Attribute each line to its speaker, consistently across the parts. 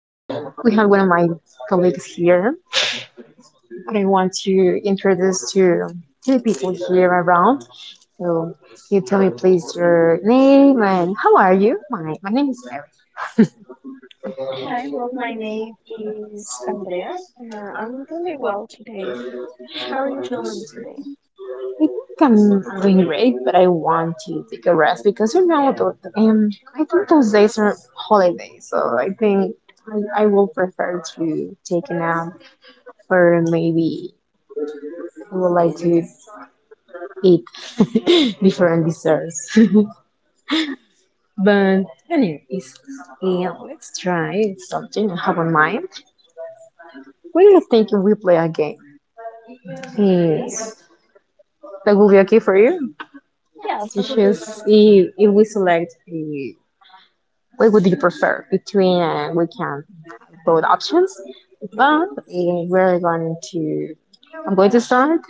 Speaker 1: We have one of my colleagues here, but I want to introduce to the people here around. So you tell me please your name and how are you? My name is
Speaker 2: Hi, well, my name is Andrea, I'm really well today. How are you
Speaker 1: Mary.
Speaker 2: feeling today?
Speaker 1: I think I'm doing great, but I want to take a rest because I think those days are holidays, so I think I will prefer to take a nap, or maybe I would like to eat different desserts. but anyways, yeah, let's try something I have on mind. What do you think if we play a game? Yes. That will be okay for you?
Speaker 2: Yes,
Speaker 1: Yes.
Speaker 2: I
Speaker 1: It's
Speaker 2: will do it.
Speaker 1: just if we select a what would you prefer between we can both options
Speaker 2: Okay,
Speaker 1: but we're going to I'm going to start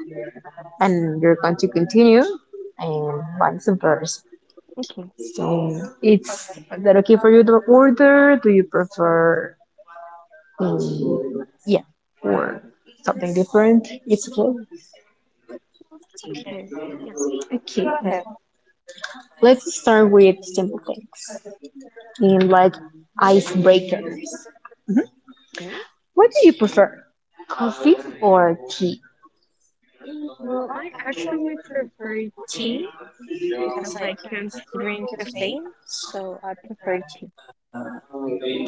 Speaker 1: and you're going to continue and vice versa
Speaker 2: okay,
Speaker 1: so it's is that okay for you to order do you prefer yeah or something different it's okay.
Speaker 2: that's okay. Yes,
Speaker 1: Okay,
Speaker 2: go ahead.
Speaker 1: let's start with simple things in like icebreakers.
Speaker 2: Mm,
Speaker 1: What do you prefer, coffee or tea?
Speaker 2: Well, I actually prefer tea because I can't drink caffeine, so I prefer tea.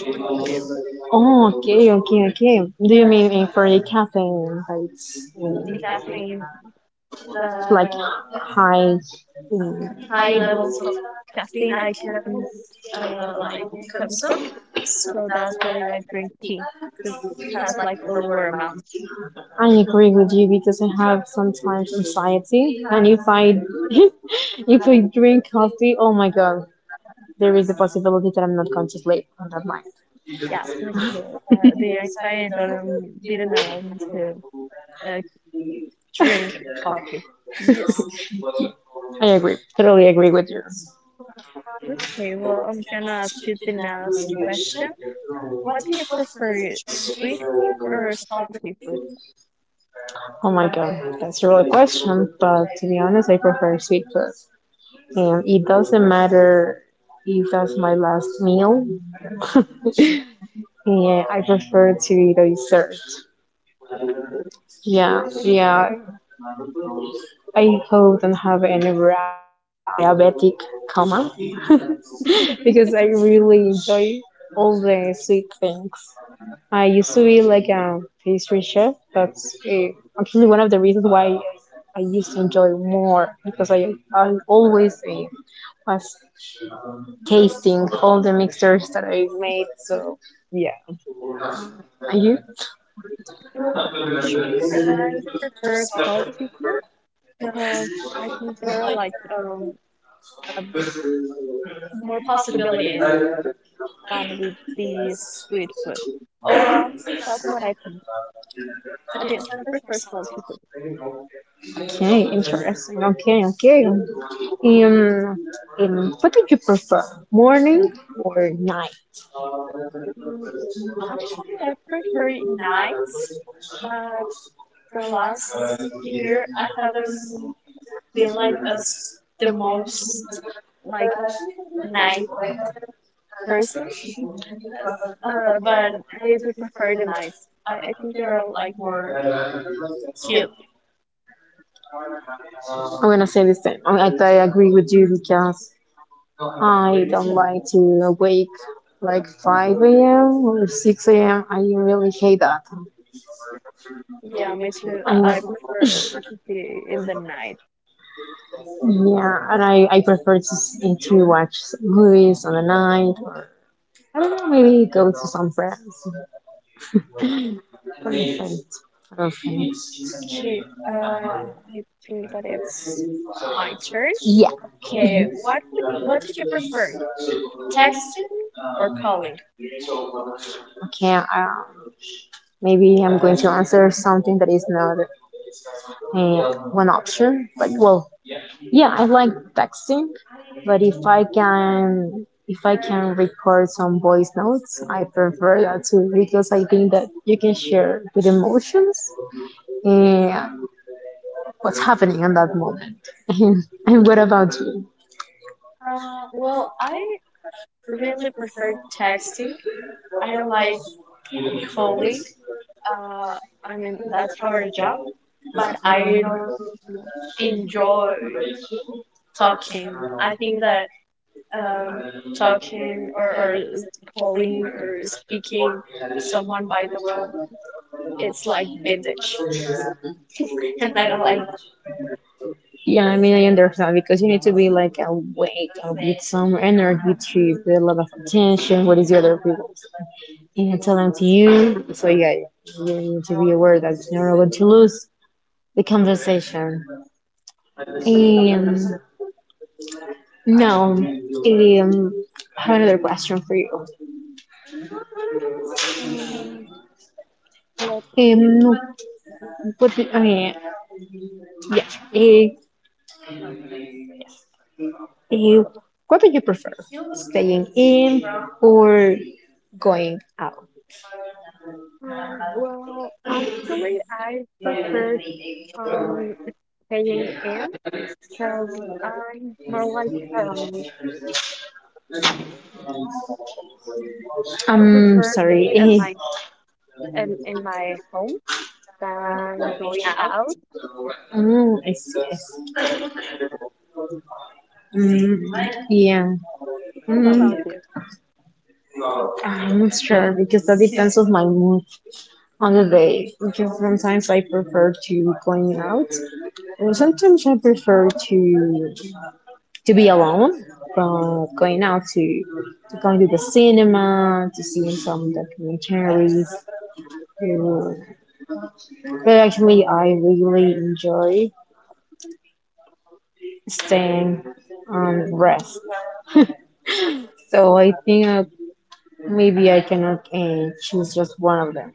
Speaker 2: What about you?
Speaker 1: Oh, okay, okay, okay. Do you mean in for a caffeine rates? In
Speaker 2: The
Speaker 1: caffeine,
Speaker 2: caffeine,
Speaker 1: like
Speaker 2: the
Speaker 1: high. High
Speaker 2: high
Speaker 1: levels
Speaker 2: levels
Speaker 1: of
Speaker 2: of
Speaker 1: caffeine
Speaker 2: caffeine
Speaker 1: I
Speaker 2: I
Speaker 1: can
Speaker 2: can
Speaker 1: like
Speaker 2: like
Speaker 1: consume.
Speaker 2: concept.
Speaker 1: So
Speaker 2: So
Speaker 1: that's
Speaker 2: that's
Speaker 1: why I
Speaker 2: why I
Speaker 1: drink
Speaker 2: drink
Speaker 1: tea
Speaker 2: tea. This
Speaker 1: because it has
Speaker 2: has
Speaker 1: like
Speaker 2: like a
Speaker 1: a
Speaker 2: lower
Speaker 1: lower amount.
Speaker 2: amount.
Speaker 1: I agree with you because I have sometimes anxiety, and if I if I drink coffee, oh my god, there is a possibility that I'm not going to sleep on that night.
Speaker 2: Yeah, so it's more. The anxiety does didn't allow me to uh, drink coffee. Yes.
Speaker 1: I agree, totally agree with you.
Speaker 2: Okay, well, I'm gonna ask you the next
Speaker 1: Question.
Speaker 2: question.
Speaker 1: What
Speaker 2: What do you
Speaker 1: is
Speaker 2: prefer,
Speaker 1: sweet
Speaker 2: sweet food
Speaker 1: or
Speaker 2: or
Speaker 1: sour?
Speaker 2: salty food?
Speaker 1: Oh my god, that's a real question, but to be honest, I prefer sweet food. And it doesn't matter if that's my last meal. Yeah, I prefer to eat a dessert. Yeah, yeah, I hope don't have any diabetic coma because I really enjoy all the sweet things. I used to be like a pastry chef. That's actually one of the reasons why I used to enjoy more because I always was tasting all the mixtures that I made. So yeah. Are you
Speaker 2: Well, I prefer salty food because I prefer like a more possibilities than with the street food. Or that's what I think. But yes, I prefer salty food.
Speaker 1: okay? Interesting. Okay, okay. What do you prefer, morning or night?
Speaker 2: Mm, actually, I prefer nights. Uh, the last year, I haven't been like the most like nice person. Yes, but I do prefer the nights. I think they're like more cute.
Speaker 1: I'm gonna say the same. I agree with you because I don't like to awake like 5 a.m. or 6 a.m. I really hate that.
Speaker 2: Yeah, me too.
Speaker 1: And
Speaker 2: I prefer to be in the night.
Speaker 1: yeah, and I prefer to watch movies on the night. I don't know, maybe go to some friends. Friends. Or friends.
Speaker 2: Okay, uh, let me think that it's my turn.
Speaker 1: Yeah,
Speaker 2: Okay, what do you prefer, texting or calling?
Speaker 1: okay. Maybe I'm going to answer something that is not one option. But well, yeah, I like texting, but if I can record some voice notes, I prefer that too because I think that you can share with emotions and what's happening in that moment. And what about you?
Speaker 2: Um, well, I really prefer texting. I don't like calling. Uh, I mean that's our job, but I don't enjoy talking. I think that um talking or calling or speaking someone by the phone, it's like vintage, and I don't
Speaker 1: Yeah, I mean, I understand because you need to be like awake with some energy to get a lot of attention. What is the other people and telling to you? So yeah, you need to be aware that you're not going to lose the conversation. And now, I have another question for you.
Speaker 2: like. Let me
Speaker 1: Um,
Speaker 2: see.
Speaker 1: what do, I mean, yeah, eh, eh, what do you prefer, staying in or going out?
Speaker 2: Well, actually, I preferred um staying in because I'm more like um I
Speaker 1: I'm
Speaker 2: prefer being
Speaker 1: sorry.
Speaker 2: at my in my home than going out.
Speaker 1: I see. I see. Mm, yeah.
Speaker 2: What
Speaker 1: Mm,
Speaker 2: about you?
Speaker 1: I'm not sure because that depends on my mood on the
Speaker 2: Mhm.
Speaker 1: day. Because sometimes I prefer to going out, and sometimes I prefer to be alone, but going out to going to the cinema, to seeing some documentaries. to- But actually, I really enjoy staying and rest. So I think maybe I cannot choose just one of them.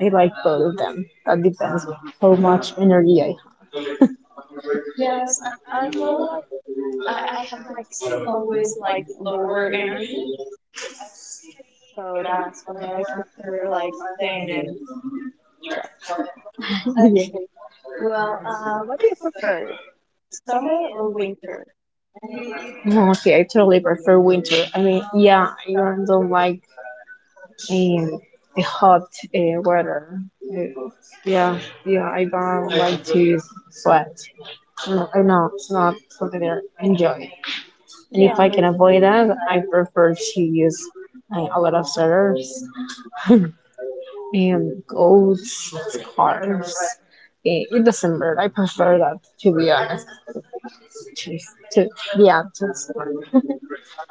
Speaker 1: I like both of them. That depends how much energy I
Speaker 2: Yes, I'm more like I have like always like lower energy, so that's when I prefer like staying in. Yes, okay. Well, what do you prefer, summer or winter?
Speaker 1: have. Okay, I totally prefer winter. I mean, yeah, I don't like and the hot weather. Yeah, yeah, I don't like to sweat. No, I know it's not something that I enjoy. And if
Speaker 2: Yeah,
Speaker 1: I can avoid that, I prefer to use a lot of sweaters and coats, scarves. Eh, in December, I prefer that to be honest. To, to, yeah, to,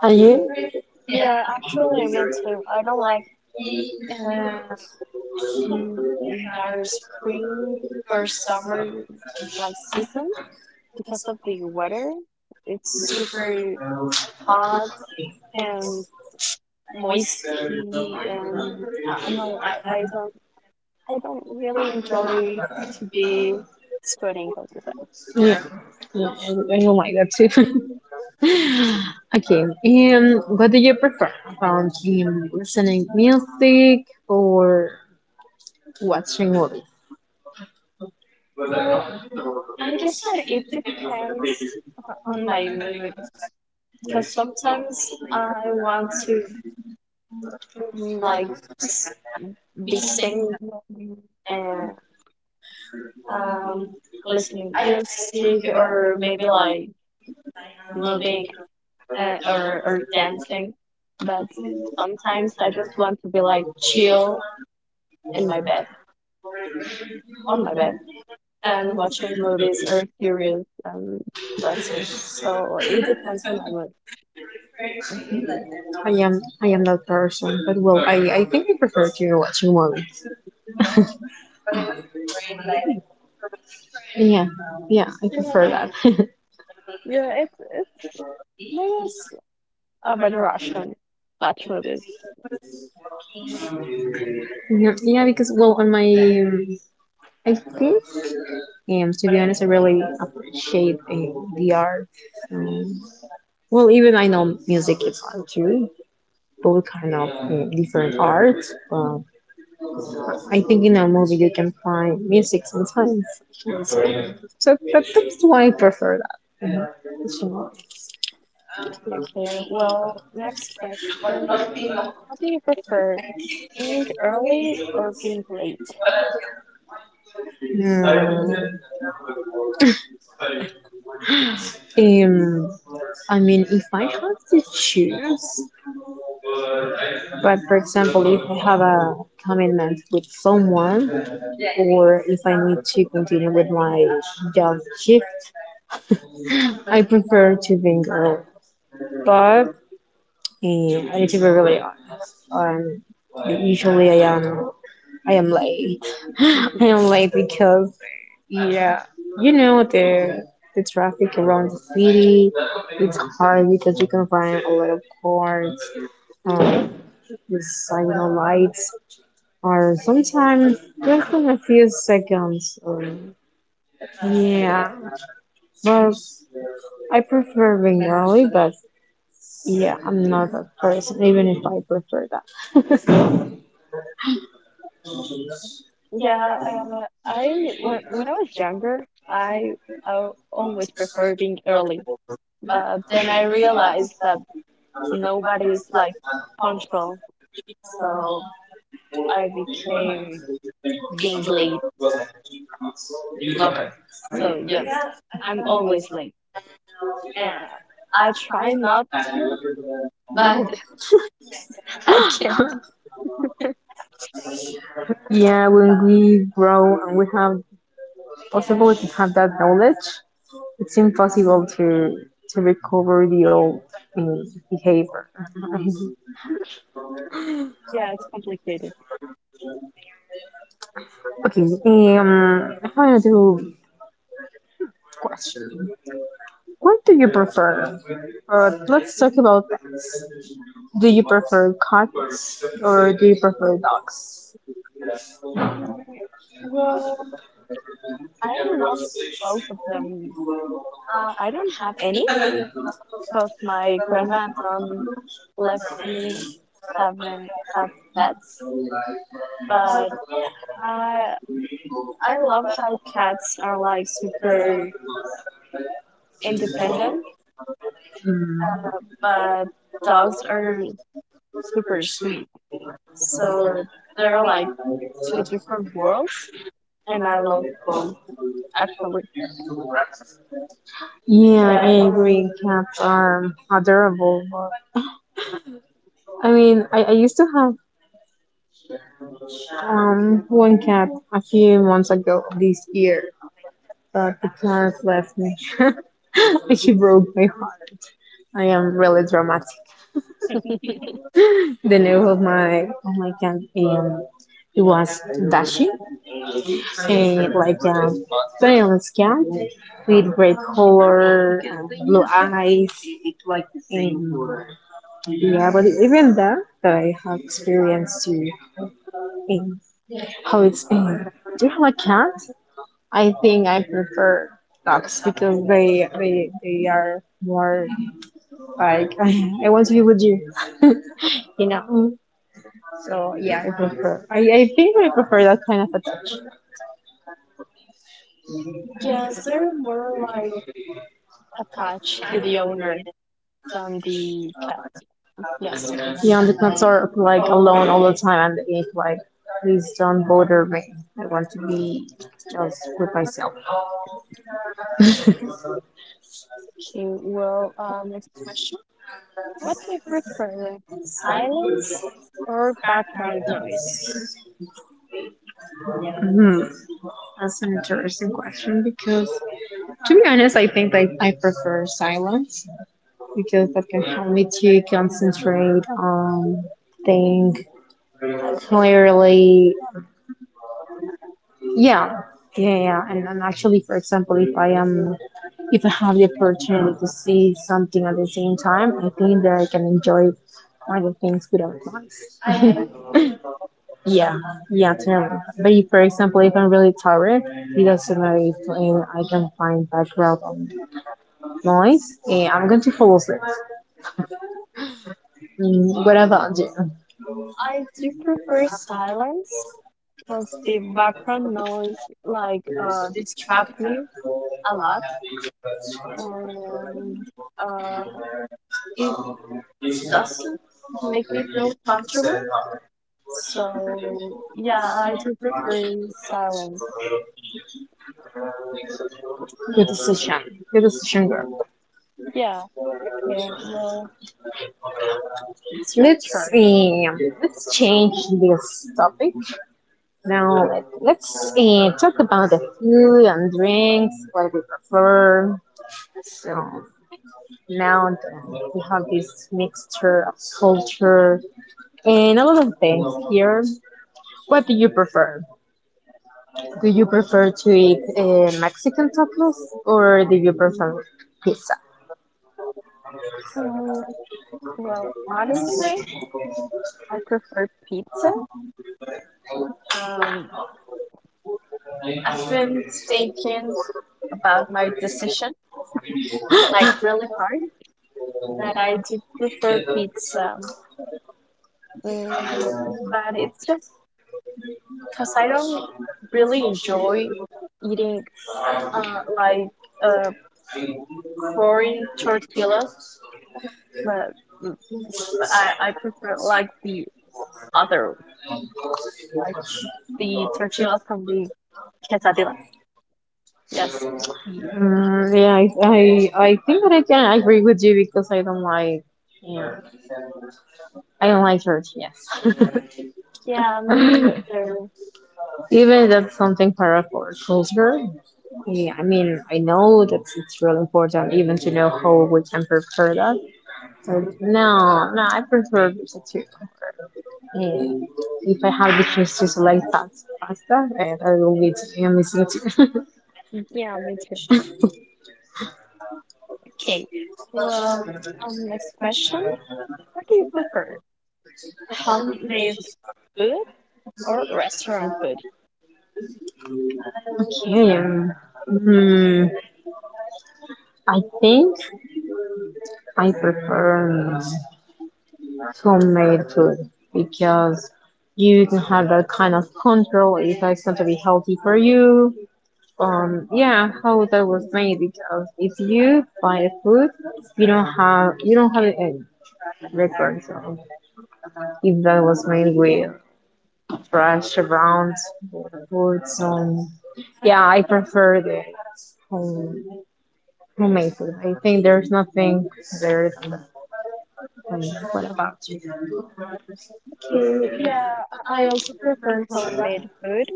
Speaker 1: and you?
Speaker 2: yeah, actually, me too. I don't like her in our spring or summer like season because of the weather. It's super hot and moisty, and I know I don't really enjoy the sweating all the time.
Speaker 1: Yeah, yeah, I don't like that too. Okay, what do you prefer about listening music or watching movies?
Speaker 2: Well, I guess that it depends on my mood because sometimes I want to like Beating and um, listening music or maybe like moving or dancing. But sometimes I just want to be like chill in my bed, on my bed, and watching movies or series, and that's it. So it depends on my mood. Mhm.
Speaker 1: I am that person, but well, I think I prefer to watch movies. Yeah, yeah, I
Speaker 2: Yeah,
Speaker 1: prefer that.
Speaker 2: yeah, it's maybe it's a better option. Watch movies.
Speaker 1: Mhm. Yeah, because well, on my I think to be honest, I really appreciate the art. Um, well, even I know music is art too, both kind of different art, but. I think in a movie you can find music sometimes. And so, that's why I prefer that. Mhm. So,
Speaker 2: Okay, well, next question. What do you prefer, being early or being late?
Speaker 1: yeah. um, I mean, if I have to choose, but for example, if I have a commitment with someone, or if I need to continue with my job shift, I prefer to be. But I need to be really honest. Usually I am. I am late. I am late because yeah, you know the traffic around the city. It's hard because you can find a lot of cars. Um, the signal lights are sometimes less than a few seconds. Yeah, but I prefer being early. But yeah, I'm not that person. Even if I prefer that.
Speaker 2: Yeah, I when I was younger, I, I always prefer being early, but then I realized that nobody's like control, so I became being late lover. So yes, I'm always late. Uh, I try not to, but I can.
Speaker 1: Yeah, when we grow and we have possible to have that knowledge, it's impossible to recover the old mm, behavior.
Speaker 2: Yeah, it's complicated.
Speaker 1: Okay, I have another question. What do you prefer? Let's talk about pets. Do you prefer cats or do you prefer dogs?
Speaker 2: Mm, Well, I love both of them. I don't have any because my grandma don't let me have an- have pets. But I I love how cats are like super independent,
Speaker 1: Mm,
Speaker 2: but dogs are super sweet. So they're like the different worlds, and I love both actually.
Speaker 1: Yeah, I agree. Cats are adorable. But, I mean, I used to have one cat a few months ago this year, but the cat left me. She broke my heart. I am really dramatic. The name of my cat it was Dashi, and like a famous cat with great color, blue eyes, like and yeah. But even that, that I have experience to um, how it's. Do you have a cat? I think I prefer dogs because they are more like I want to be with you. You know. So yeah, I prefer. I think I prefer that kind of a touch.
Speaker 2: Yes, they're more like attached to the owner than the pets. Yes.
Speaker 1: Beyond the concern of like alone all the time and it's like, please don't bother me. I want to be just with myself.
Speaker 2: Well, next question. What do you prefer, silence or background noise?
Speaker 1: Hmm. That's an interesting question because, to be honest, I think I prefer silence because that can help me to concentrate on think clearly. Yeah, yeah. And actually, for example, if I am if I have the opportunity to see something at the same time, I think that I can enjoy all the things without noise. Yeah, yeah, totally. But if, for example, if I'm really tired, it doesn't matter if I can find background noise, and I'm going to fall asleep. What about you?
Speaker 2: I do prefer silence because the background noise like distract me a lot and uh it doesn't make me feel comfortable. So yeah, I do prefer silence.
Speaker 1: Good
Speaker 2: Y-
Speaker 1: decision. Good decision, girl.
Speaker 2: Yeah, okay, well it's
Speaker 1: So
Speaker 2: your turn.
Speaker 1: let's change this topic. Now let's talk about the food and drinks, what we prefer. So now we have this mixture of culture and a lot of things here. What do you prefer? Do you prefer to eat Mexican tacos or do you prefer pizza?
Speaker 2: Um, well honestly I prefer pizza. Um I've been thinking about my decision, like really hard. And I did prefer pizza. But it's just because I don't really enjoy eating like uh, pouring tortillas, but mm, I prefer like the other, like the tortillas from the quesadillas. Yes. Mm.
Speaker 1: Yeah, I think that I can agree with you because I don't like yeah, I don't like church. Yes,
Speaker 2: Yeah, me too.
Speaker 1: even that's something part of our culture. Yeah, I mean, I know that it's really important even to know how we can prepare that. No, no, I prefer vegetarian. And if I have the chance to select that pasta, and I will be I'm missing.
Speaker 2: Yeah, me too. Okay. Well, next question. What do you prefer? Homemade food or restaurant food?
Speaker 1: Okay, hmm, I think I prefer homemade food because you can have that kind of control if it's going to be healthy for you. Yeah, how that was made because if you buy food, you don't have any records of if that was made with rush around foods and yeah I prefer the home homemade food I think there's nothing better than what about
Speaker 2: Yeah, I also prefer homemade food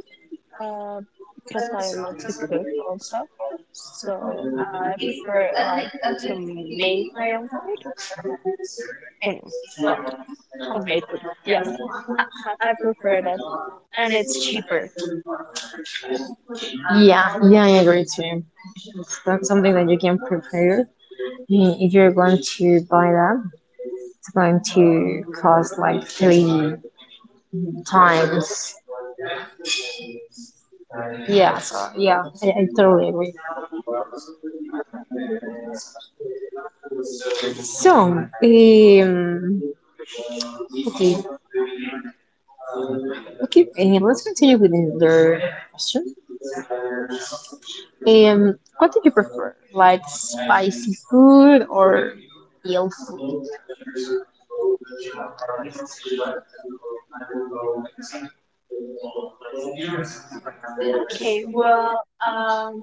Speaker 2: uh, because I love to cook also. So I prefer like to make my own food. Mm, well, homemade food. Yes, I prefer that, and it's cheaper.
Speaker 1: yeah yeah I agree too it's not something that you can prepare. If you're going to buy that it's going to cost like three times yeah so yeah I totally agree. So okay, okay let's continue with another question. What do you prefer? Like spicy food or ill food?
Speaker 2: Okay, well,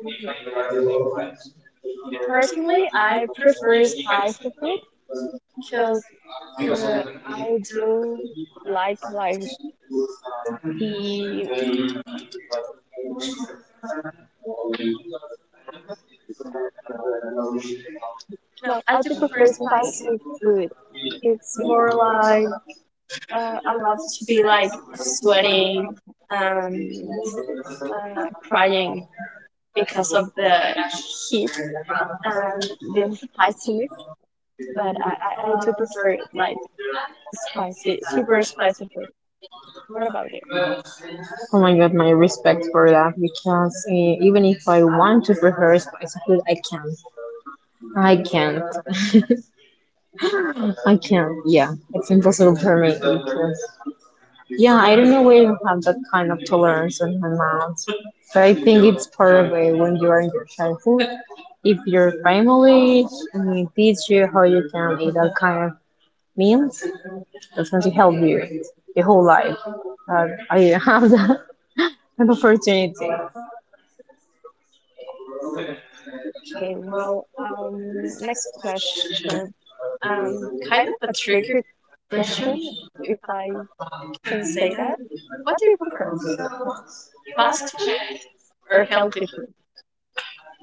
Speaker 2: personally, I prefer spicy food because uh, I do like the No, I do prefer spicy food. It's more like I love to be like sweating and uh, crying because of the heat and the spiciness. But I do prefer like spicy, super spicy food. What about you?
Speaker 1: Oh my god, my respect for that because even if I want to prefer spicy food, I can't. I can't. I can't. Yeah, it's impossible for me because yeah, I don't know where you have that kind of tolerance in my mouth. But I think it's part of it when you are in your childhood. If your family teach you how you can eat that kind of meals, that's going to help you your whole life. I didn't have that, an opportunity.
Speaker 2: Okay, well, next question. Um, kind of a tricky question, if I can say that. What do you prefer, fast food or healthy food?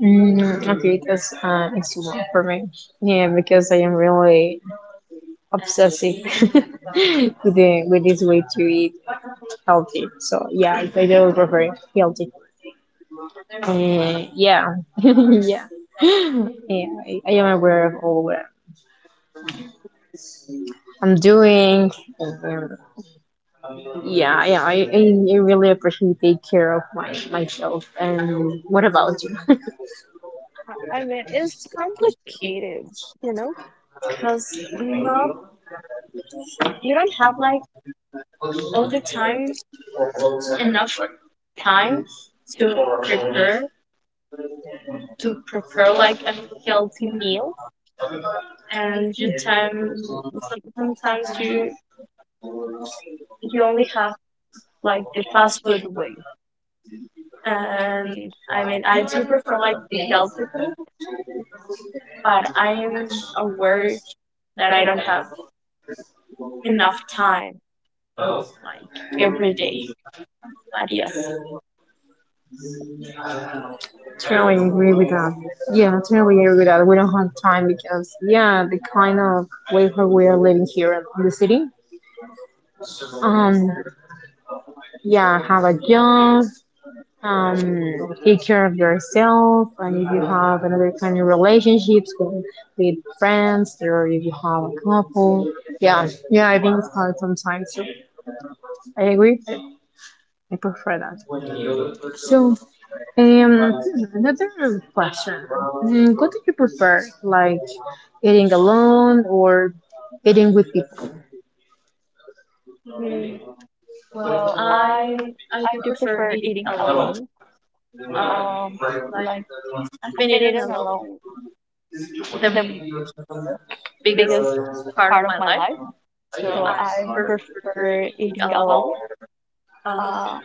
Speaker 1: Mm, okay, that's it's one for me. Yeah, because I am really obsessive with with this way to eat healthy. So yeah, I do prefer healthy. Yeah, yeah. Yeah, I am aware of all what I'm doing. And yeah, yeah, I really appreciate take care of my myself. And what about you?
Speaker 2: I mean, it's complicated, you know, because not you don't have like all the time enough time to prepare to prepare like a healthy meal, and the time sometimes you only have like the fast food way. And I mean, I do prefer like the healthy food, but I am aware that I don't have enough time every day. Adios.
Speaker 1: Totally agree with that. Yeah, totally agree with that. We don't have time because yeah, the kind of way where we are living here in the city. Um, yeah, have a job. Take care of yourself, and if you have another kind of relationships with friends, or if you have a couple, yeah, yeah, I think it's hard sometimes. So I agree. I prefer that. So, um, another question. Mm, what do you prefer? Like eating alone or eating with people?
Speaker 2: Well, I do prefer eating alone. Um, like I've been eating alone the m- biggest part of my life, so I prefer eating alone. Uh,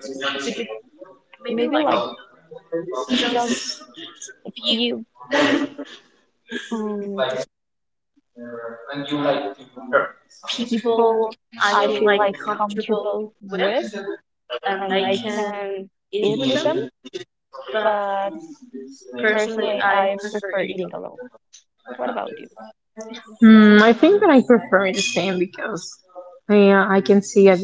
Speaker 2: with maybe like just few um, people I feel like comfortable with, and I can eat with them. But personally, I prefer eating alone. What about you?
Speaker 1: Mm, I think that I prefer the same because yeah, I can see it.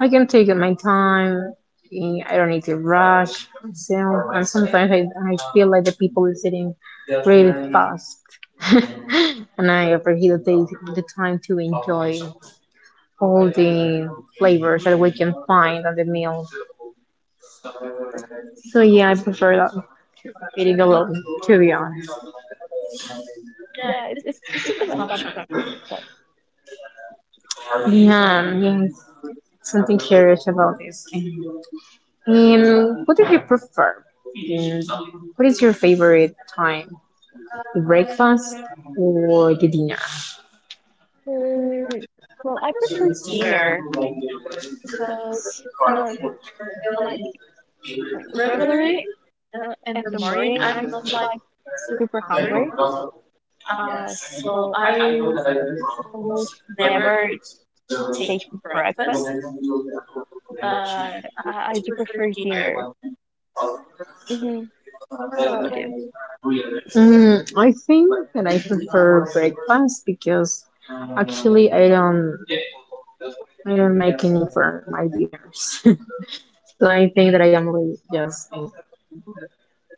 Speaker 1: I can take my time. I don't need to rush myself. And sometimes I feel like the people is eating really fast. And I appreciate the time to enjoy all the flavors that we can find on the meal. So yeah, I prefer that, eating alone, to be honest.
Speaker 2: Yeah, it's the best option. So.
Speaker 1: Yeah, yeah. Something curious about this. And what do you prefer? And what is your favorite time? The breakfast or the dinner?
Speaker 2: Mm, well, I prefer
Speaker 1: Dinner.
Speaker 2: dinner because um, like regularly in the morning I'm like super hungry. Uh, so I almost never take breakfast, but I do prefer dinner. Hmm. What about you?
Speaker 1: Mm, I think that I prefer breakfast because actually I don't make any for my dinners. So I think that I am really just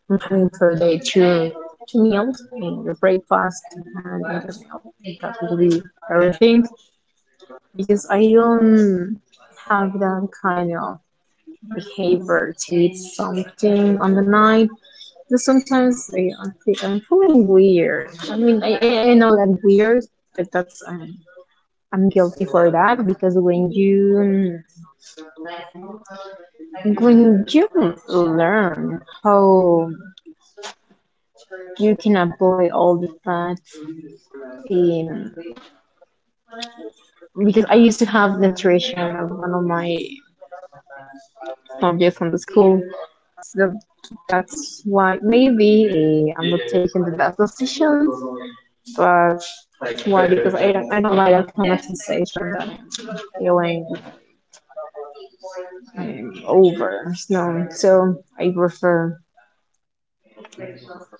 Speaker 1: I'm having per day two meals, and your breakfast and another meal. That will be everything. Because I don't have that kind of behavior to eat something on the night. But sometimes I'm feeling weird. I mean, I know that weird, but that's I'm guilty for that because when you learn how you can avoid all the fats in because I used to have nutrition as one of my subjects on the school. So that's why maybe I'm not taking the best decisions, but why? Because I don't like that kind of sensation, that feeling over. No, so I prefer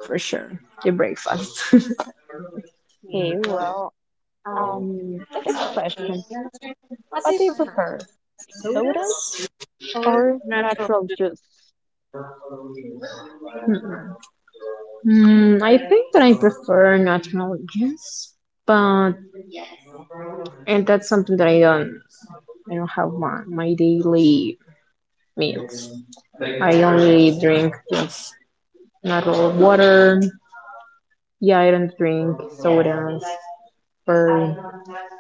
Speaker 1: for sure the breakfast.
Speaker 2: Okay, well, good question. What do you prefer, soda or natural juice?
Speaker 1: Mm, I think that I prefer natural, yes, but and that's something that I don't. I don't have my daily meals. I only drink just natural water. Yeah, I don't drink sodas or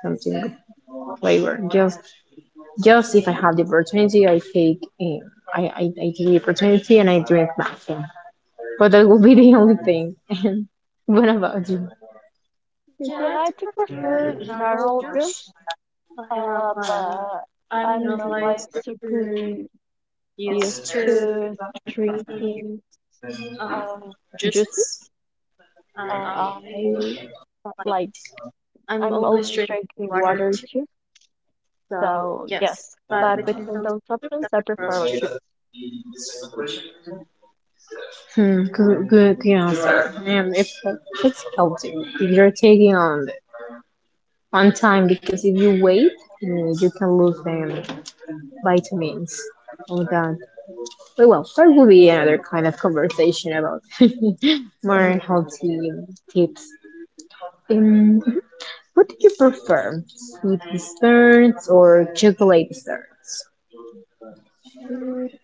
Speaker 1: something flavor. Just if I have the opportunity, I take the opportunity and I drink nothing. But that will be the only thing. And what about you?
Speaker 2: Yeah, I do prefer natural juice. But I'm not like super used to drinking uh Juices? uh I like I'm always drinking water too. So yes, but between those options, I prefer juice.
Speaker 1: Hmm, good, good answer. If it's healthy, if you're taking on time, because if you wait, you can lose vitamins. All that. Oh, well, that will be another kind of conversation about
Speaker 2: Mhm.
Speaker 1: more healthy tips. Um, what do you prefer, sweet desserts or chocolate desserts?
Speaker 2: Mm,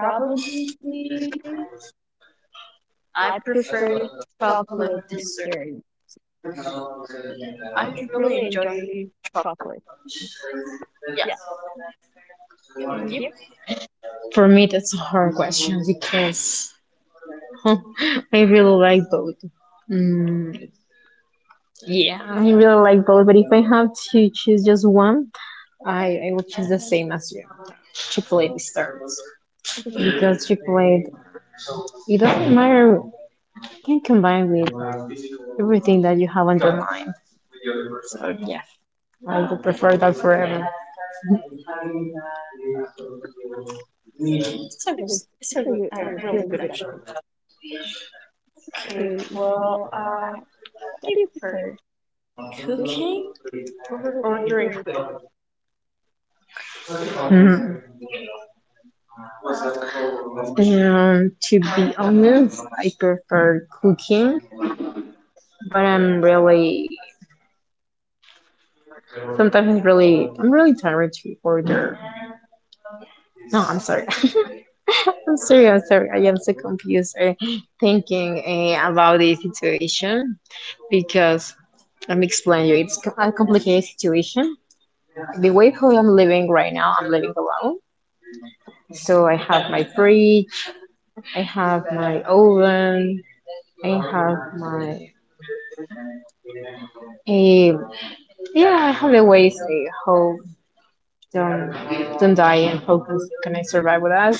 Speaker 2: Probably I prefer chocolate dessert. I really enjoy chocolate. Yeah, and you?
Speaker 1: For me, that's a hard question because I really like both. Mm, yeah, I really like both, but if I have to choose just one, I will choose the same as you, chocolate desserts.
Speaker 2: I
Speaker 1: Because chocolate, it doesn't matter, can combine with everything that you have on your mind. Yes, I would prefer that forever.
Speaker 2: This is, this is a really good option. Okay, well, what do you prefer, cooking or ordering food?
Speaker 1: Mhm. And to be honest, I prefer cooking, but I'm really sometimes really I'm really tired to order. No, I'm sorry. I'm sorry. I'm sorry. I am so confused thinking about the situation because let me explain you. A complicated situation, the way how I'm living right now, I'm living alone. So I have my fridge, I have my oven, I have my eh, yeah, I have the ways how don't don't die and how can, I survive with that.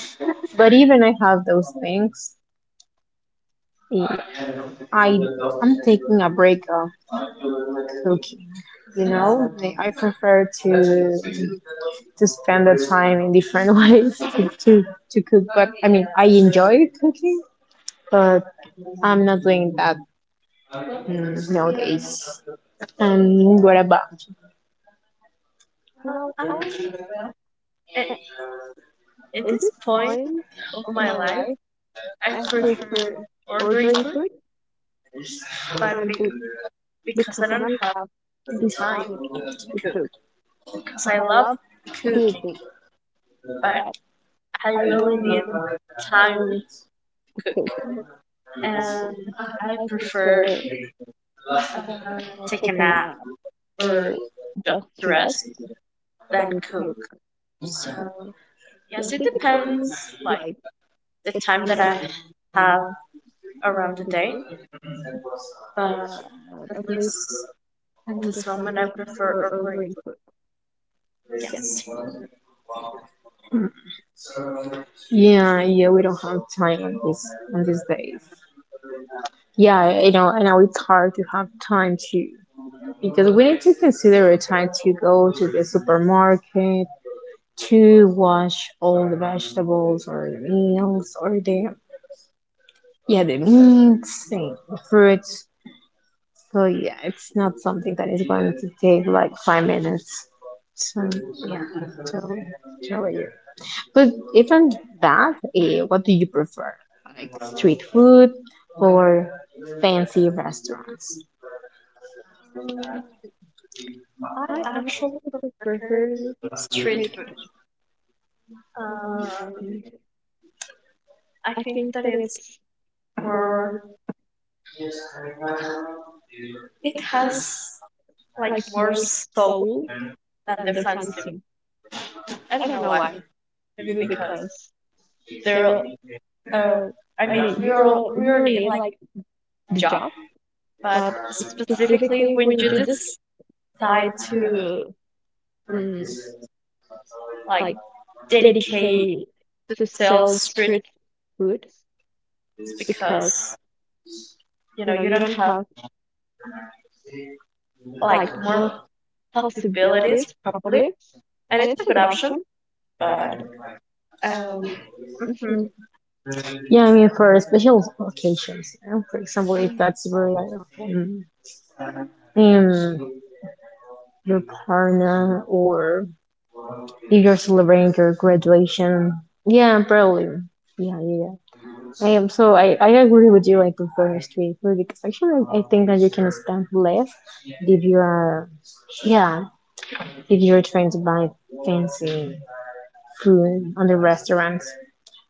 Speaker 1: But even I have those things, eh, I I'm taking a break of cooking. You know, I prefer to spend the time in different ways to cook. But I mean, I enjoy cooking, but I'm not doing that, mm, nowadays. And what about?
Speaker 2: Well, I a- in this point of my life, I prefer ordering food, but because I don't have the time to cook. Because I love cooking, but I really need the time to cook, and I prefer uh, take a nap or just rest than cook. So yes, it depends, like the time that I uh, around the day, at least in the strong enough for our green food. Yeah.
Speaker 1: Yeah, yeah, we don't have time on this on these days. Yeah, you know, I know it's hard to have time to because we need to consider a time to go to the supermarket to wash all the vegetables or the meals or the yeah the meats and the fruits. So yeah, it's not something that is going to take like 5 minutes. So yeah, totally, totally. But even that, what do you prefer? Like street food or fancy restaurants?
Speaker 2: I actually prefer street food. Um, I think that it's more, it has like more soul than the fancy. I don't know why. Maybe because they're, uh, I mean, you're, we all need like the job, but specifically when you do this try to mm, like dedicate to sell street food because you know you don't have like more possibilities probably and it's a good option but um mhm.
Speaker 1: Yeah, I mean for special occasions, you know. For example, if that's where like um, um, your partner or if you're celebrating your graduation. Yeah, probably. Yeah, yeah, yeah. I am so I agree with you. I prefer street food because actually I think that you can spend less if you are yeah if you're trying to buy fancy food on the restaurants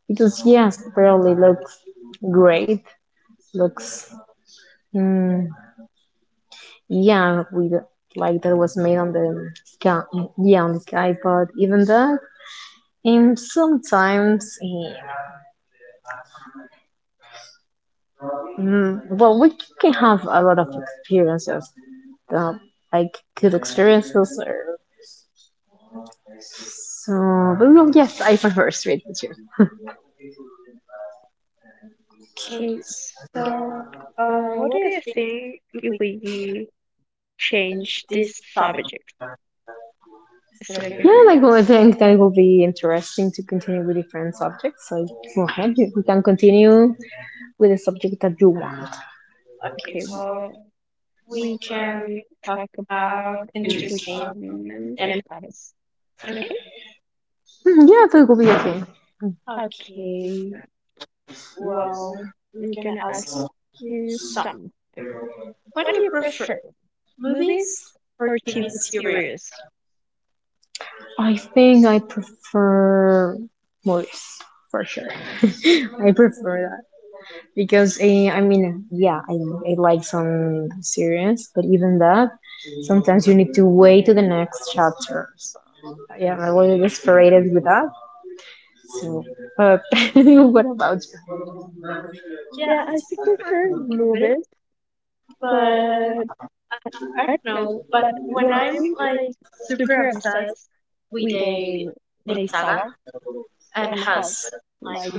Speaker 1: because yes barely looks great, looks mm, yeah, with like that was made on the sky, yeah on the sky, but even that and sometimes well we can have a lot of experiences uh, like good experiences or so but well, yes, I prefer street food too. Okay,
Speaker 2: Okay,
Speaker 1: so
Speaker 2: so what do you think if we change this subject, is it okay
Speaker 1: yeah,
Speaker 2: for you?
Speaker 1: like, well, I think that it will be interesting to continue with different subjects. So go ahead, you can continue with the subject that you want.
Speaker 2: Okay, well, we can talk about entertainment and hobbies, is it okay?
Speaker 1: Mhm, yeah, so it will be okay. Mm.
Speaker 2: Okay, well, I'm gonna ask you something. What do you prefer, movies or TV series?
Speaker 1: I think I prefer movies for sure. I prefer that because I mean, yeah, I like some series, but even that, sometimes you need to wait to the next chapter. So, yeah, I was frustrated with that. So, but what about you?
Speaker 2: Yeah, I do prefer movies, but I I don't know. But when I'm like super obsessed with a with a saga and has like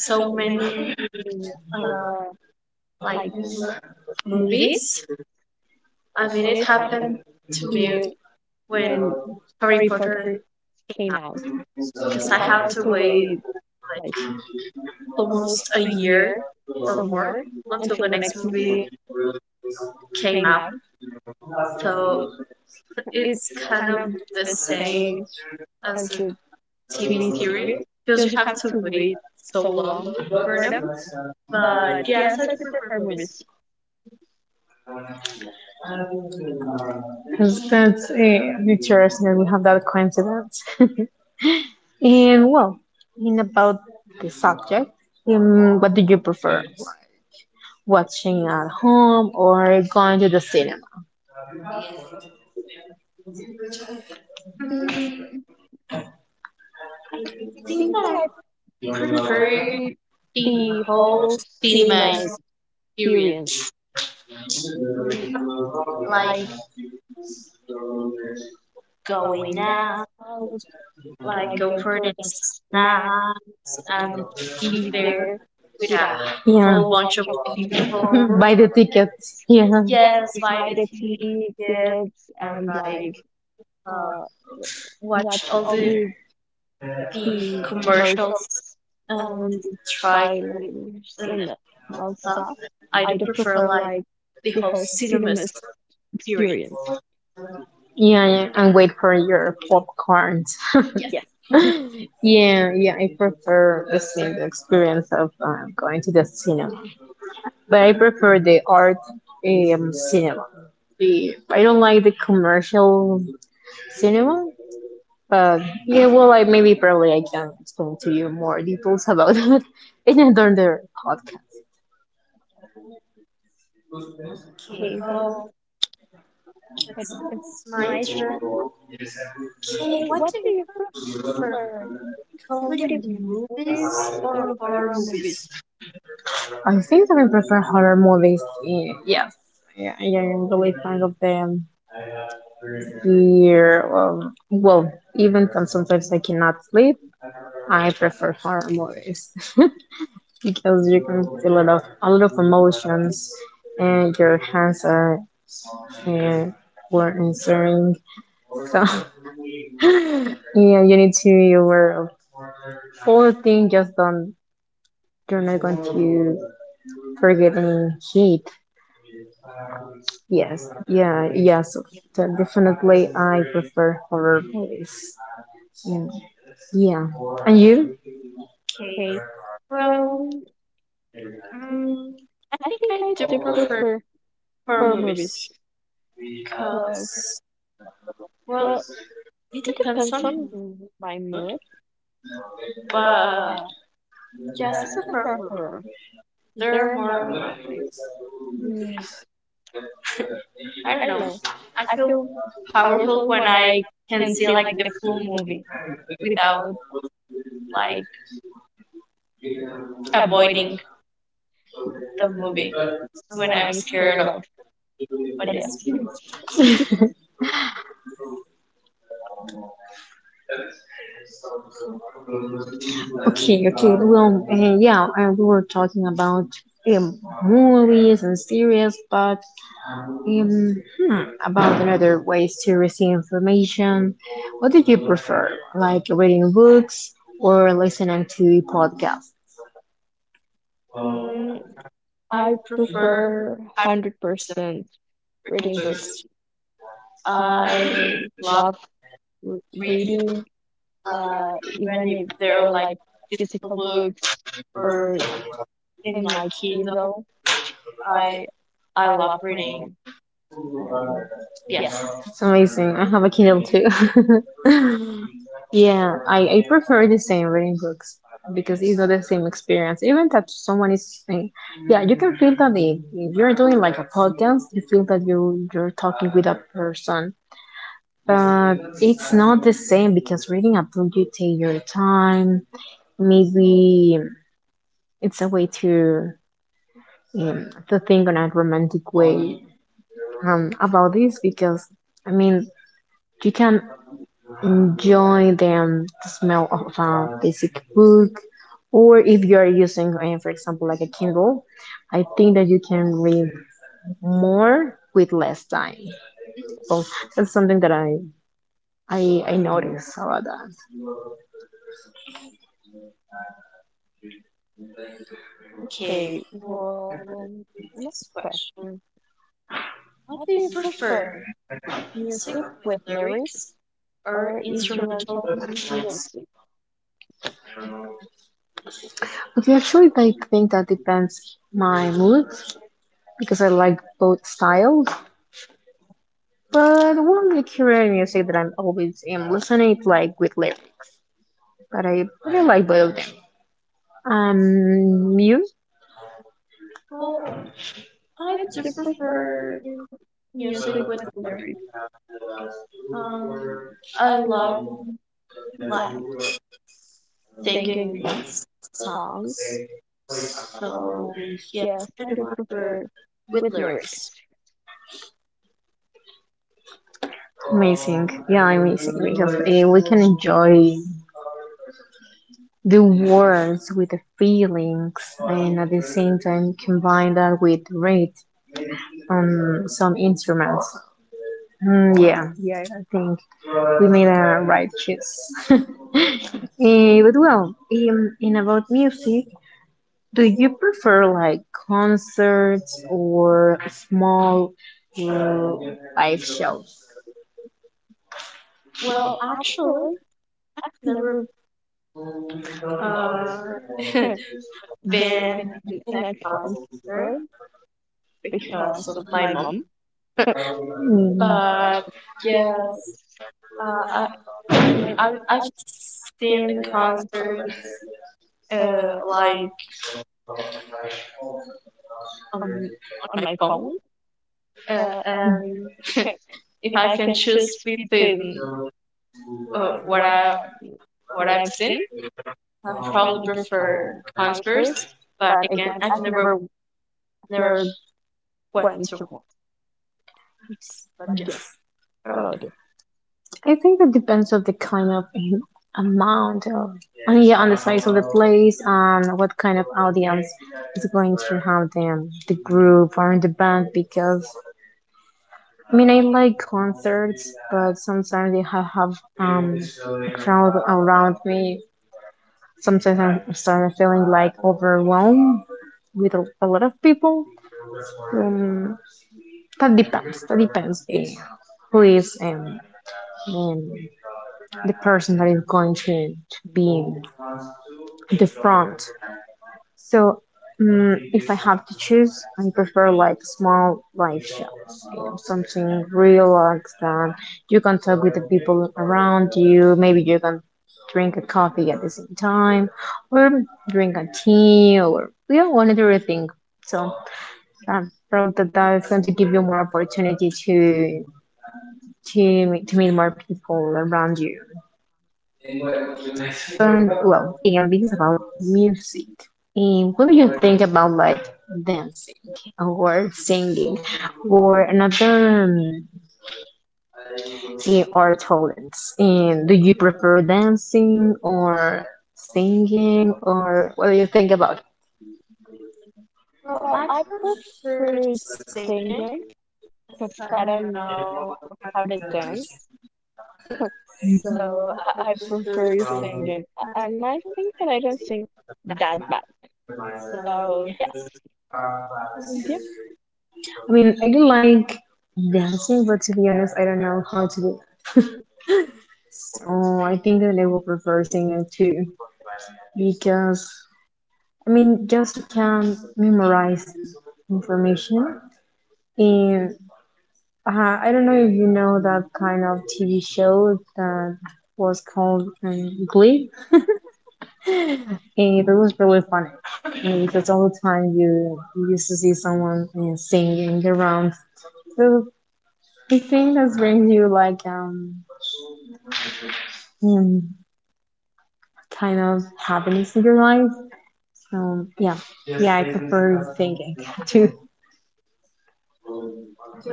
Speaker 2: so many uh like movies, I mean it happened to me when Harry Potter came out. Because I had to wait like almost a year or more until the next movie came out. So it's kind of the same as a TV series because you have to wait so long for them. But yes, I do prefer movies.
Speaker 1: Cause That's interesting that we have that coincidence. And well, in about the subject, what do you prefer? Watching at home or going to the cinema?
Speaker 2: I think that I prefer the whole cinema experience, Mm, like going out, like go for the snack and be there with a
Speaker 1: A yeah.
Speaker 2: whole bunch of beautiful
Speaker 1: People buy the tickets.
Speaker 2: plants.
Speaker 1: Yeah.
Speaker 2: Yes, buy the tea gifts and like uh watch all the commercials and the trailers and all stuff. I do prefer like the whole experience.
Speaker 1: Yeah, yeah, and wait for your popcorns.
Speaker 2: Yeah.
Speaker 1: Yeah, yeah, I prefer the same experience of going to the cinema, but I prefer the art, cinema. I don't like the commercial cinema, but yeah, well, like maybe probably I can explain to you more details about it in another podcast.
Speaker 2: Okay, well, it's my turn. Hey, what do you prefer? Comedy movies or horror movies?
Speaker 1: I think that I prefer horror movies. Yes, yeah, yeah, I'm really fond of them. Here, well, even though sometimes I cannot sleep, I prefer horror movies because you can feel a lot of emotions, and your hands are uh, were answering. So yeah, you need to be aware of all things. Just don't. You're not going to forget any heat. Yes. Yeah. Yeah. So definitely, I prefer horror movies. Yeah. Yeah. And you?
Speaker 2: Okay. Well, mm, I think I do prefer horror movies because, well, it depends on my mood, but yes, I prefer horror. They're more like, mm, I don't know. I feel powerful when I can see like the full movie without like avoiding the movie when I'm scared of. But yes.
Speaker 1: Okay. Okay. Well. Yeah. And we were talking about, movies and series, but um, hmm, about another ways to receive information, what did you prefer? Like reading books or listening to podcasts?
Speaker 2: Mm, I prefer 100% reading books. I love r reading, even if they're like physical books or in my Kindle. I I love reading. Um, yes.
Speaker 1: It's amazing. I have a Kindle too. Yeah, I prefer the same, reading books, because it's not the same experience. Even that someone is saying, yeah, you can feel that if you're doing like a podcast, you feel that you're talking with a person. But it's not the same because reading a book you take your time maybe it's a way to think on a romantic way about this because I mean you can enjoy the smell of a basic book or if you are using for example like a Kindle, I think that you can read more with less time, so that's something that I notice about that.
Speaker 2: Okay. Well, next question. What do you prefer? Music with lyrics or instrumental music?
Speaker 1: Okay, actually I think that depends my mood because I like both styles. But one recurring music that I'm always am listening is like with lyrics. But I really like both of them. You?
Speaker 2: Well, I do prefer music with lyrics. Um, I love like singing songs, so yes, I do prefer with lyrics.
Speaker 1: Yeah, amazing because we can enjoy the words with the feelings, and at the same time combine that with rhythm on some instruments. Mm, yeah, yeah, I think we made a right choice. But well, in about music, do you prefer like concerts or small, uh, live shows?
Speaker 2: Well, actually, I've never uh, been in a concert because of my mom.
Speaker 1: Mm,
Speaker 2: But yes, uh, I, I mean, I've seen the concert live on on my phone. Uh, and if I can choose between what I what I've seen, I probably prefer concerts, but again, I've never went to one. But yes, what about you?
Speaker 1: I think that depends on the kind of amount of, and yeah, on the size of the place, and what kind of audience is going to have them, the group or the band. Because I mean, I like concerts, but sometimes if I have, um, a crowd around me. Sometimes I'm feeling like overwhelmed with a lot of people. Um, that depends. That depends who is and the person that is going to be in the front. So, if I have to choose, I prefer like small live shows, you know, something relaxed that you can talk with the people around you. Maybe you can drink a coffee at the same time, or drink a tea, or one other thing. So, I felt that that is going to give you more opportunity to to meet more people around you. And well, again, this is about music. And what do you think about like dancing or singing or another art talents? And do you prefer dancing or singing or what do you think about it? Well,
Speaker 2: Well,
Speaker 1: I
Speaker 2: I
Speaker 1: prefer
Speaker 2: prefer
Speaker 1: singing.
Speaker 2: singing because I don't know how to dance.
Speaker 1: I
Speaker 2: So I prefer singing. And I think that I don't sing that bad. So yes. Yeah,
Speaker 1: mean, I do like dancing, but to be honest, I don't know how to do it. So I think that I will prefer singing too, because I mean, just you can memorize information. And I don't know if you know that kind of TV show that was called Glee. And it was really funny, and because all the time you used to see someone singing around. So I think that brings you like um kind of happiness in your life. So yeah, yeah, I prefer singing too.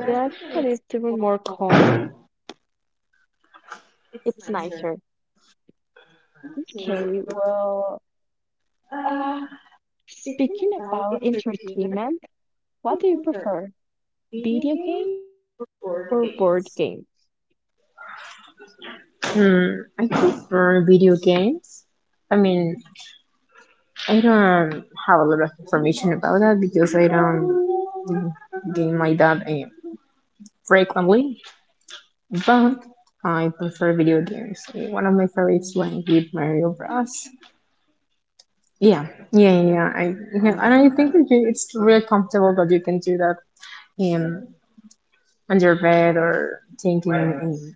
Speaker 2: yeah, I think that it's even more calm. It's nicer. Okay, well, uh,
Speaker 1: Speaking
Speaker 2: speaking
Speaker 1: about
Speaker 2: about
Speaker 1: entertainment
Speaker 2: entertainment, what
Speaker 1: is
Speaker 2: do you
Speaker 1: either
Speaker 2: prefer?
Speaker 1: video
Speaker 2: Video
Speaker 1: games
Speaker 2: games
Speaker 1: or
Speaker 2: or
Speaker 1: board
Speaker 2: board games?
Speaker 1: games. Hmm, I prefer video games. I mean, I don't have a lot of information about that because I don't game like that frequently, but I prefer video games. Eh, one of my favorites when with Mario Bros. Yeah, yeah, yeah, yeah, I yeah, and I think that it's really comfortable that you can do that in on your bed or thinking,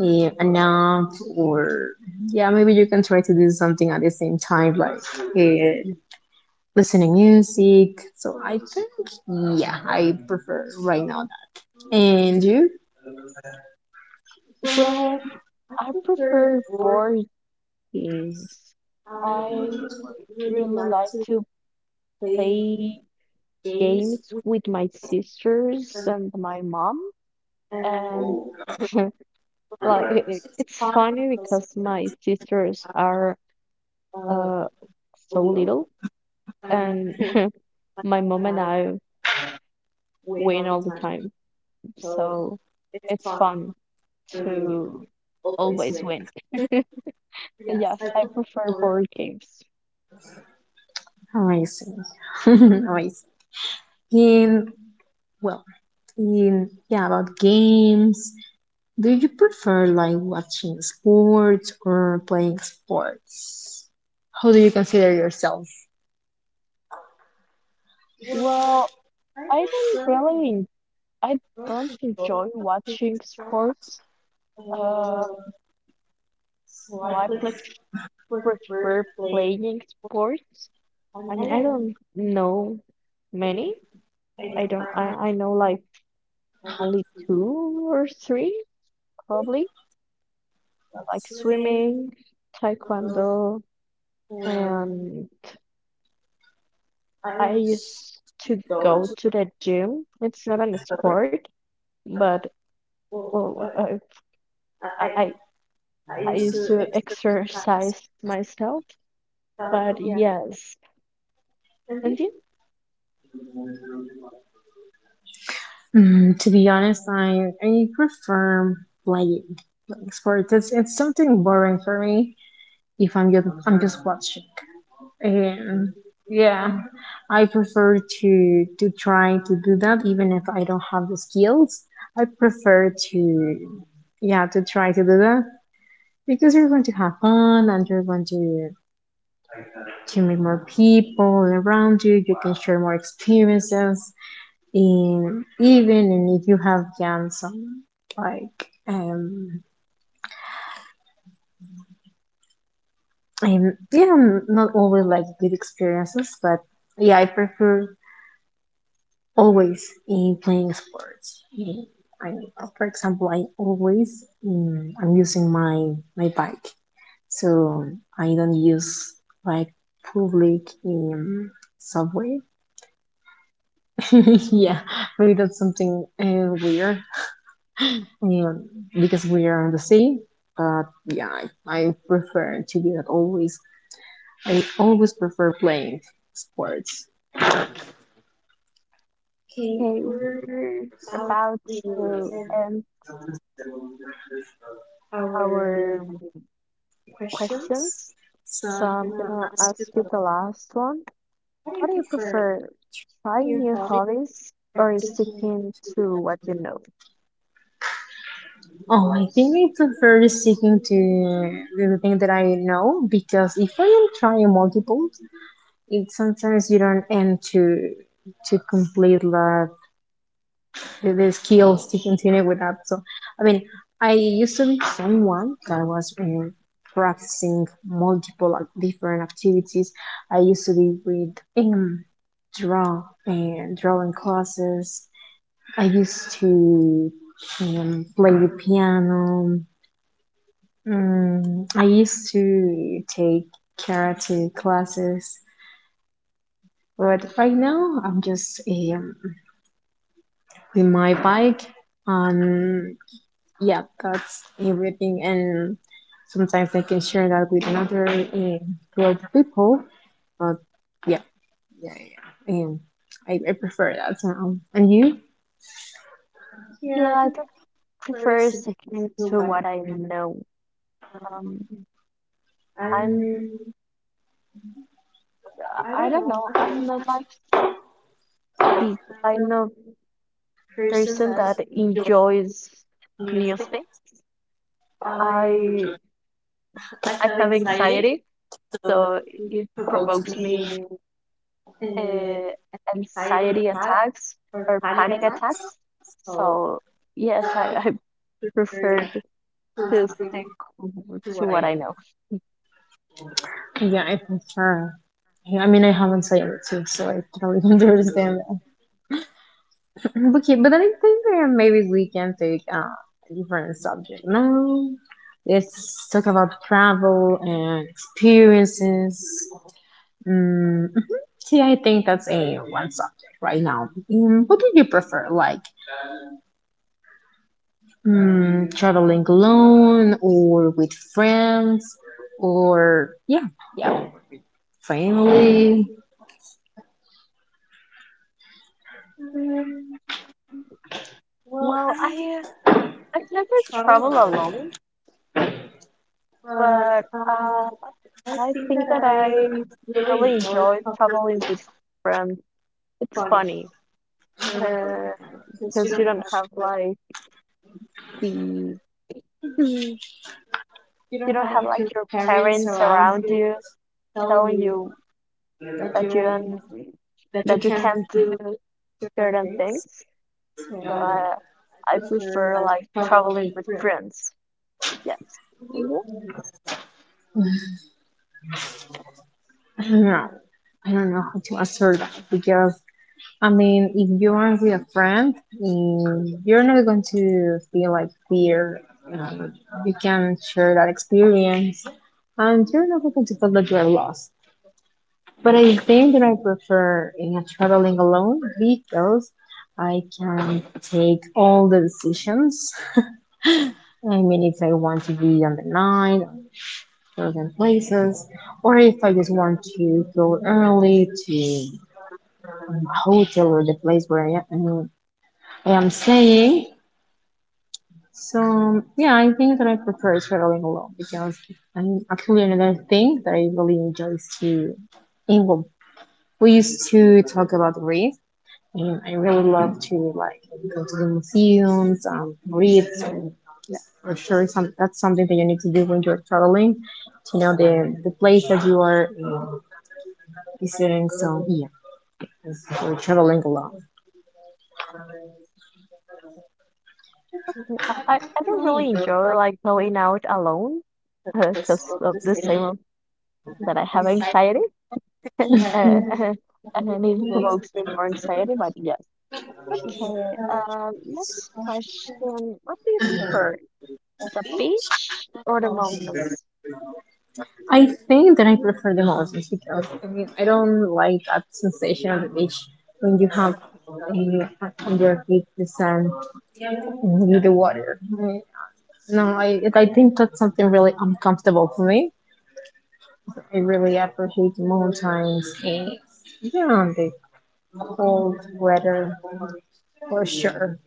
Speaker 1: yeah, enough, or yeah, maybe you can try to do something at the same time like uh, listening music, so I think yeah, I prefer right now that. And you?
Speaker 2: Well, I prefer board games. I really like to play games with my sisters and my mom. And like it's funny because my sisters are uh so little and my mom and I win all the time. So it's fun to always win. Yes, I prefer board games.
Speaker 1: Amazing. Amazing. In well in Yeah, about games, do you prefer like watching sports or playing sports? How do you consider yourself?
Speaker 2: Well, I don't really, I don't enjoy watching sports. Uh, so I prefer playing sports. I mean, I don't know many. I don't, I know like only two or three, probably, like swimming, taekwondo, and I used to go to the gym. It's not an sport, but well, I, I I used to exercise myself, but yes. And then,
Speaker 1: Mm, to be honest, I prefer playing playing sports. It's something boring for me if I'm just watching. And yeah, I prefer to try to do that even if I don't have the skills. I prefer to yeah to try to do that, because you're going to have fun and you're going to meet more people around you. You can share more experiences, In even and if you have done some like and yeah, not always like good experiences, but yeah, I prefer always in playing sports. Mm, I for example, I always I'm using my my bike, so I don't use like public subway. Yeah, maybe that's something weird. um, because we are on the sea. But yeah, I prefer to be that always. I always prefer playing sports.
Speaker 2: okay, we're about to end our questions. So I'm gonna ask you the last one. What do you prefer, trying new hobbies or sticking to what you know?
Speaker 1: Oh, I think I prefer sticking to the thing that I know, because if I am trying multiples, it sometimes you don't end to complete the skills to continue with that. So, I mean, I used to be someone that was practicing multiple different activities. I used to be with draw and drawing classes. I used to play the piano. Mm, I used to take karate classes, but right now I'm just with my bike. Um, yeah, that's everything. And sometimes I can share that with another group of people. But yeah, yeah, yeah, yeah. I prefer that. And you? Yeah, I
Speaker 2: Yeah, I
Speaker 1: think
Speaker 2: think I prefer
Speaker 1: first
Speaker 2: sticking
Speaker 1: do
Speaker 2: to
Speaker 1: what
Speaker 2: what I know. Um, I'm,
Speaker 1: and
Speaker 2: I don't know, I'm not like the kind of person that enjoys new things. I I have anxiety, so it provokes me uh, anxiety attacks or panic attacks. So yes, I prefer to stick to what I know.
Speaker 1: yeah, I prefer. Yeah, I mean, I haven't tried it too, so I don't even understand. Okay, but I think maybe we can take a different subject now. Let's talk about travel and experiences. Mm, mhm. See, I think that's a one subject right now. Mm, what do you prefer, like traveling alone or with friends, or yeah, yeah, family?
Speaker 2: Mm, well, I I've never traveled alone, but I think that I really enjoy traveling with friends. It's funny uh, because you don't have like the you don't have like your parents around you telling you that you don't that you can't do certain things. So I prefer like traveling with friends. Yes. Mhm.
Speaker 1: I don't know. I don't know how to answer that because I mean, if you are with a friend, mm, you're not going to feel like fear. Um, you can share that experience, and you're not going to feel that you are lost. But I think that I prefer in traveling alone because I can take all the decisions. I mean, if I want to be on the night, on certain places, or if I just want to go early to a hotel or the place where I am saying. So yeah, I think that I prefer traveling alone, because I mean actually another thing that I really enjoy is to in well, we used to talk about read, and I really love to like go to the museums, um, read, and yeah, for sure some that's something that you need to do when you're traveling to know the place that you are visiting. So yeah, for traveling alone.
Speaker 2: Okay. I don't really enjoy like going out alone because of the same that I have anxiety and and it provokes me more anxiety. But yes. Okay. Next question. What do you prefer? The beach or the mountains?
Speaker 1: I think that I prefer the mountains, because I mean I don't like that sensation of the beach when you have under feet the sand with the water. No, I think that's something really uncomfortable for me. I really appreciate the mountains and yeah, the cold weather, for sure,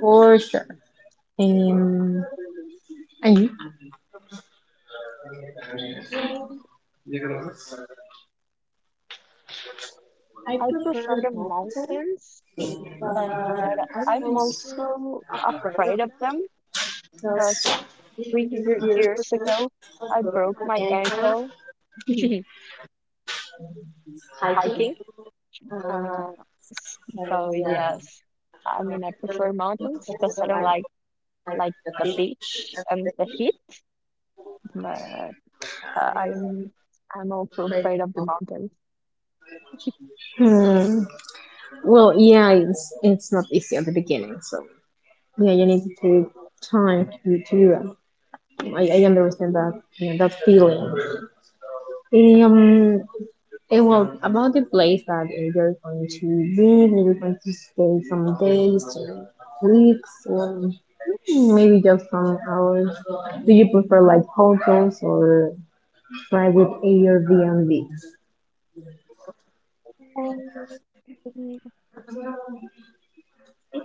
Speaker 1: for sure. And and
Speaker 2: Well, I prefer the mountains, but I'm also afraid of
Speaker 1: you?
Speaker 2: them because
Speaker 1: Because this is a years
Speaker 2: years
Speaker 1: ago,
Speaker 2: ago
Speaker 1: I
Speaker 2: I
Speaker 1: broke
Speaker 2: broke my
Speaker 1: my
Speaker 2: ankle
Speaker 1: hiking.
Speaker 2: hiking.
Speaker 1: Uh,
Speaker 2: Uh, s- so
Speaker 1: and
Speaker 2: yes, I mean I prefer mountains because I don't like the beach and the heat, but uh, I'm I'm also afraid of the mountains.
Speaker 1: Hmm. Well, yeah, it's not easy at the beginning, so yeah, you need to time to do that. I understand that, you know, that feeling. Um, And well, about the place that you're going to live, maybe you're going to stay some days or weeks, or maybe just some hours. Do you prefer like hotels or private Airbnb?
Speaker 2: Um,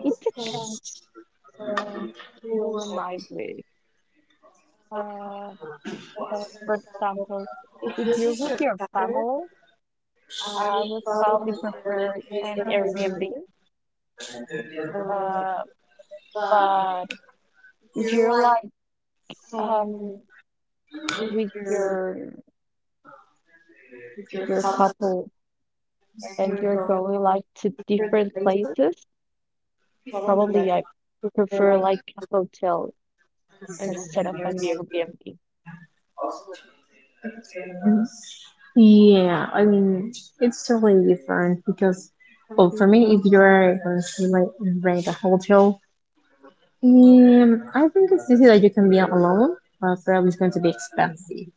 Speaker 2: it depends. Um, poor migrate. Uh, because, for example, if you're with your family, I would probably prefer an Airbnb. Uh, but if you're like um with your with your couple and you're going like to different places, probably I prefer like a hotel instead of an Airbnb.
Speaker 1: Yeah, I mean, it's totally different because, well, for
Speaker 2: Mm,
Speaker 1: me, if you're going to like rent a hotel, I think it's easy that you can be alone, but probably it's going to be expensive.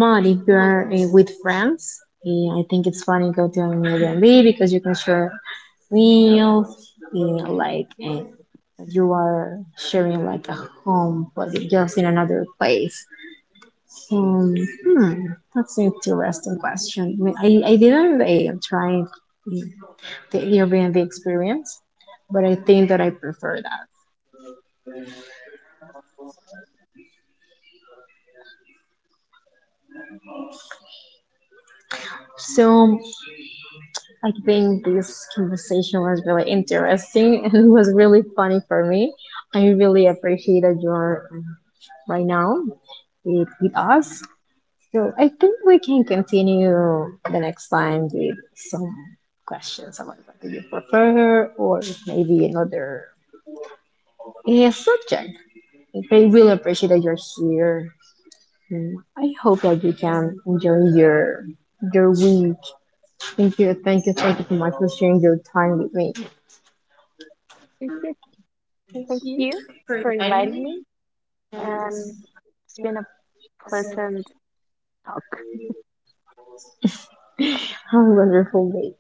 Speaker 1: But if
Speaker 2: mhm.
Speaker 1: you are with friends, I think it's fun to go to an Airbnb, because you can share meals, uh, like uh, you are sharing like a home, but just in another place. Um, hmm, that's an interesting question. I didn't try the Airbnb experience, but I think that I prefer that. So I think this conversation was really interesting and it was really funny for me. I really appreciated your right now with us. So I think we can continue the next time with some questions about what do you prefer or maybe another subject. I really appreciate that you're here. And I hope that you can enjoy your week. Thank you, thank you, thank you so much for sharing your time with me.
Speaker 2: Thank you. Thank you for inviting me. Um, it's been a pleasant talk
Speaker 1: How wonderful day.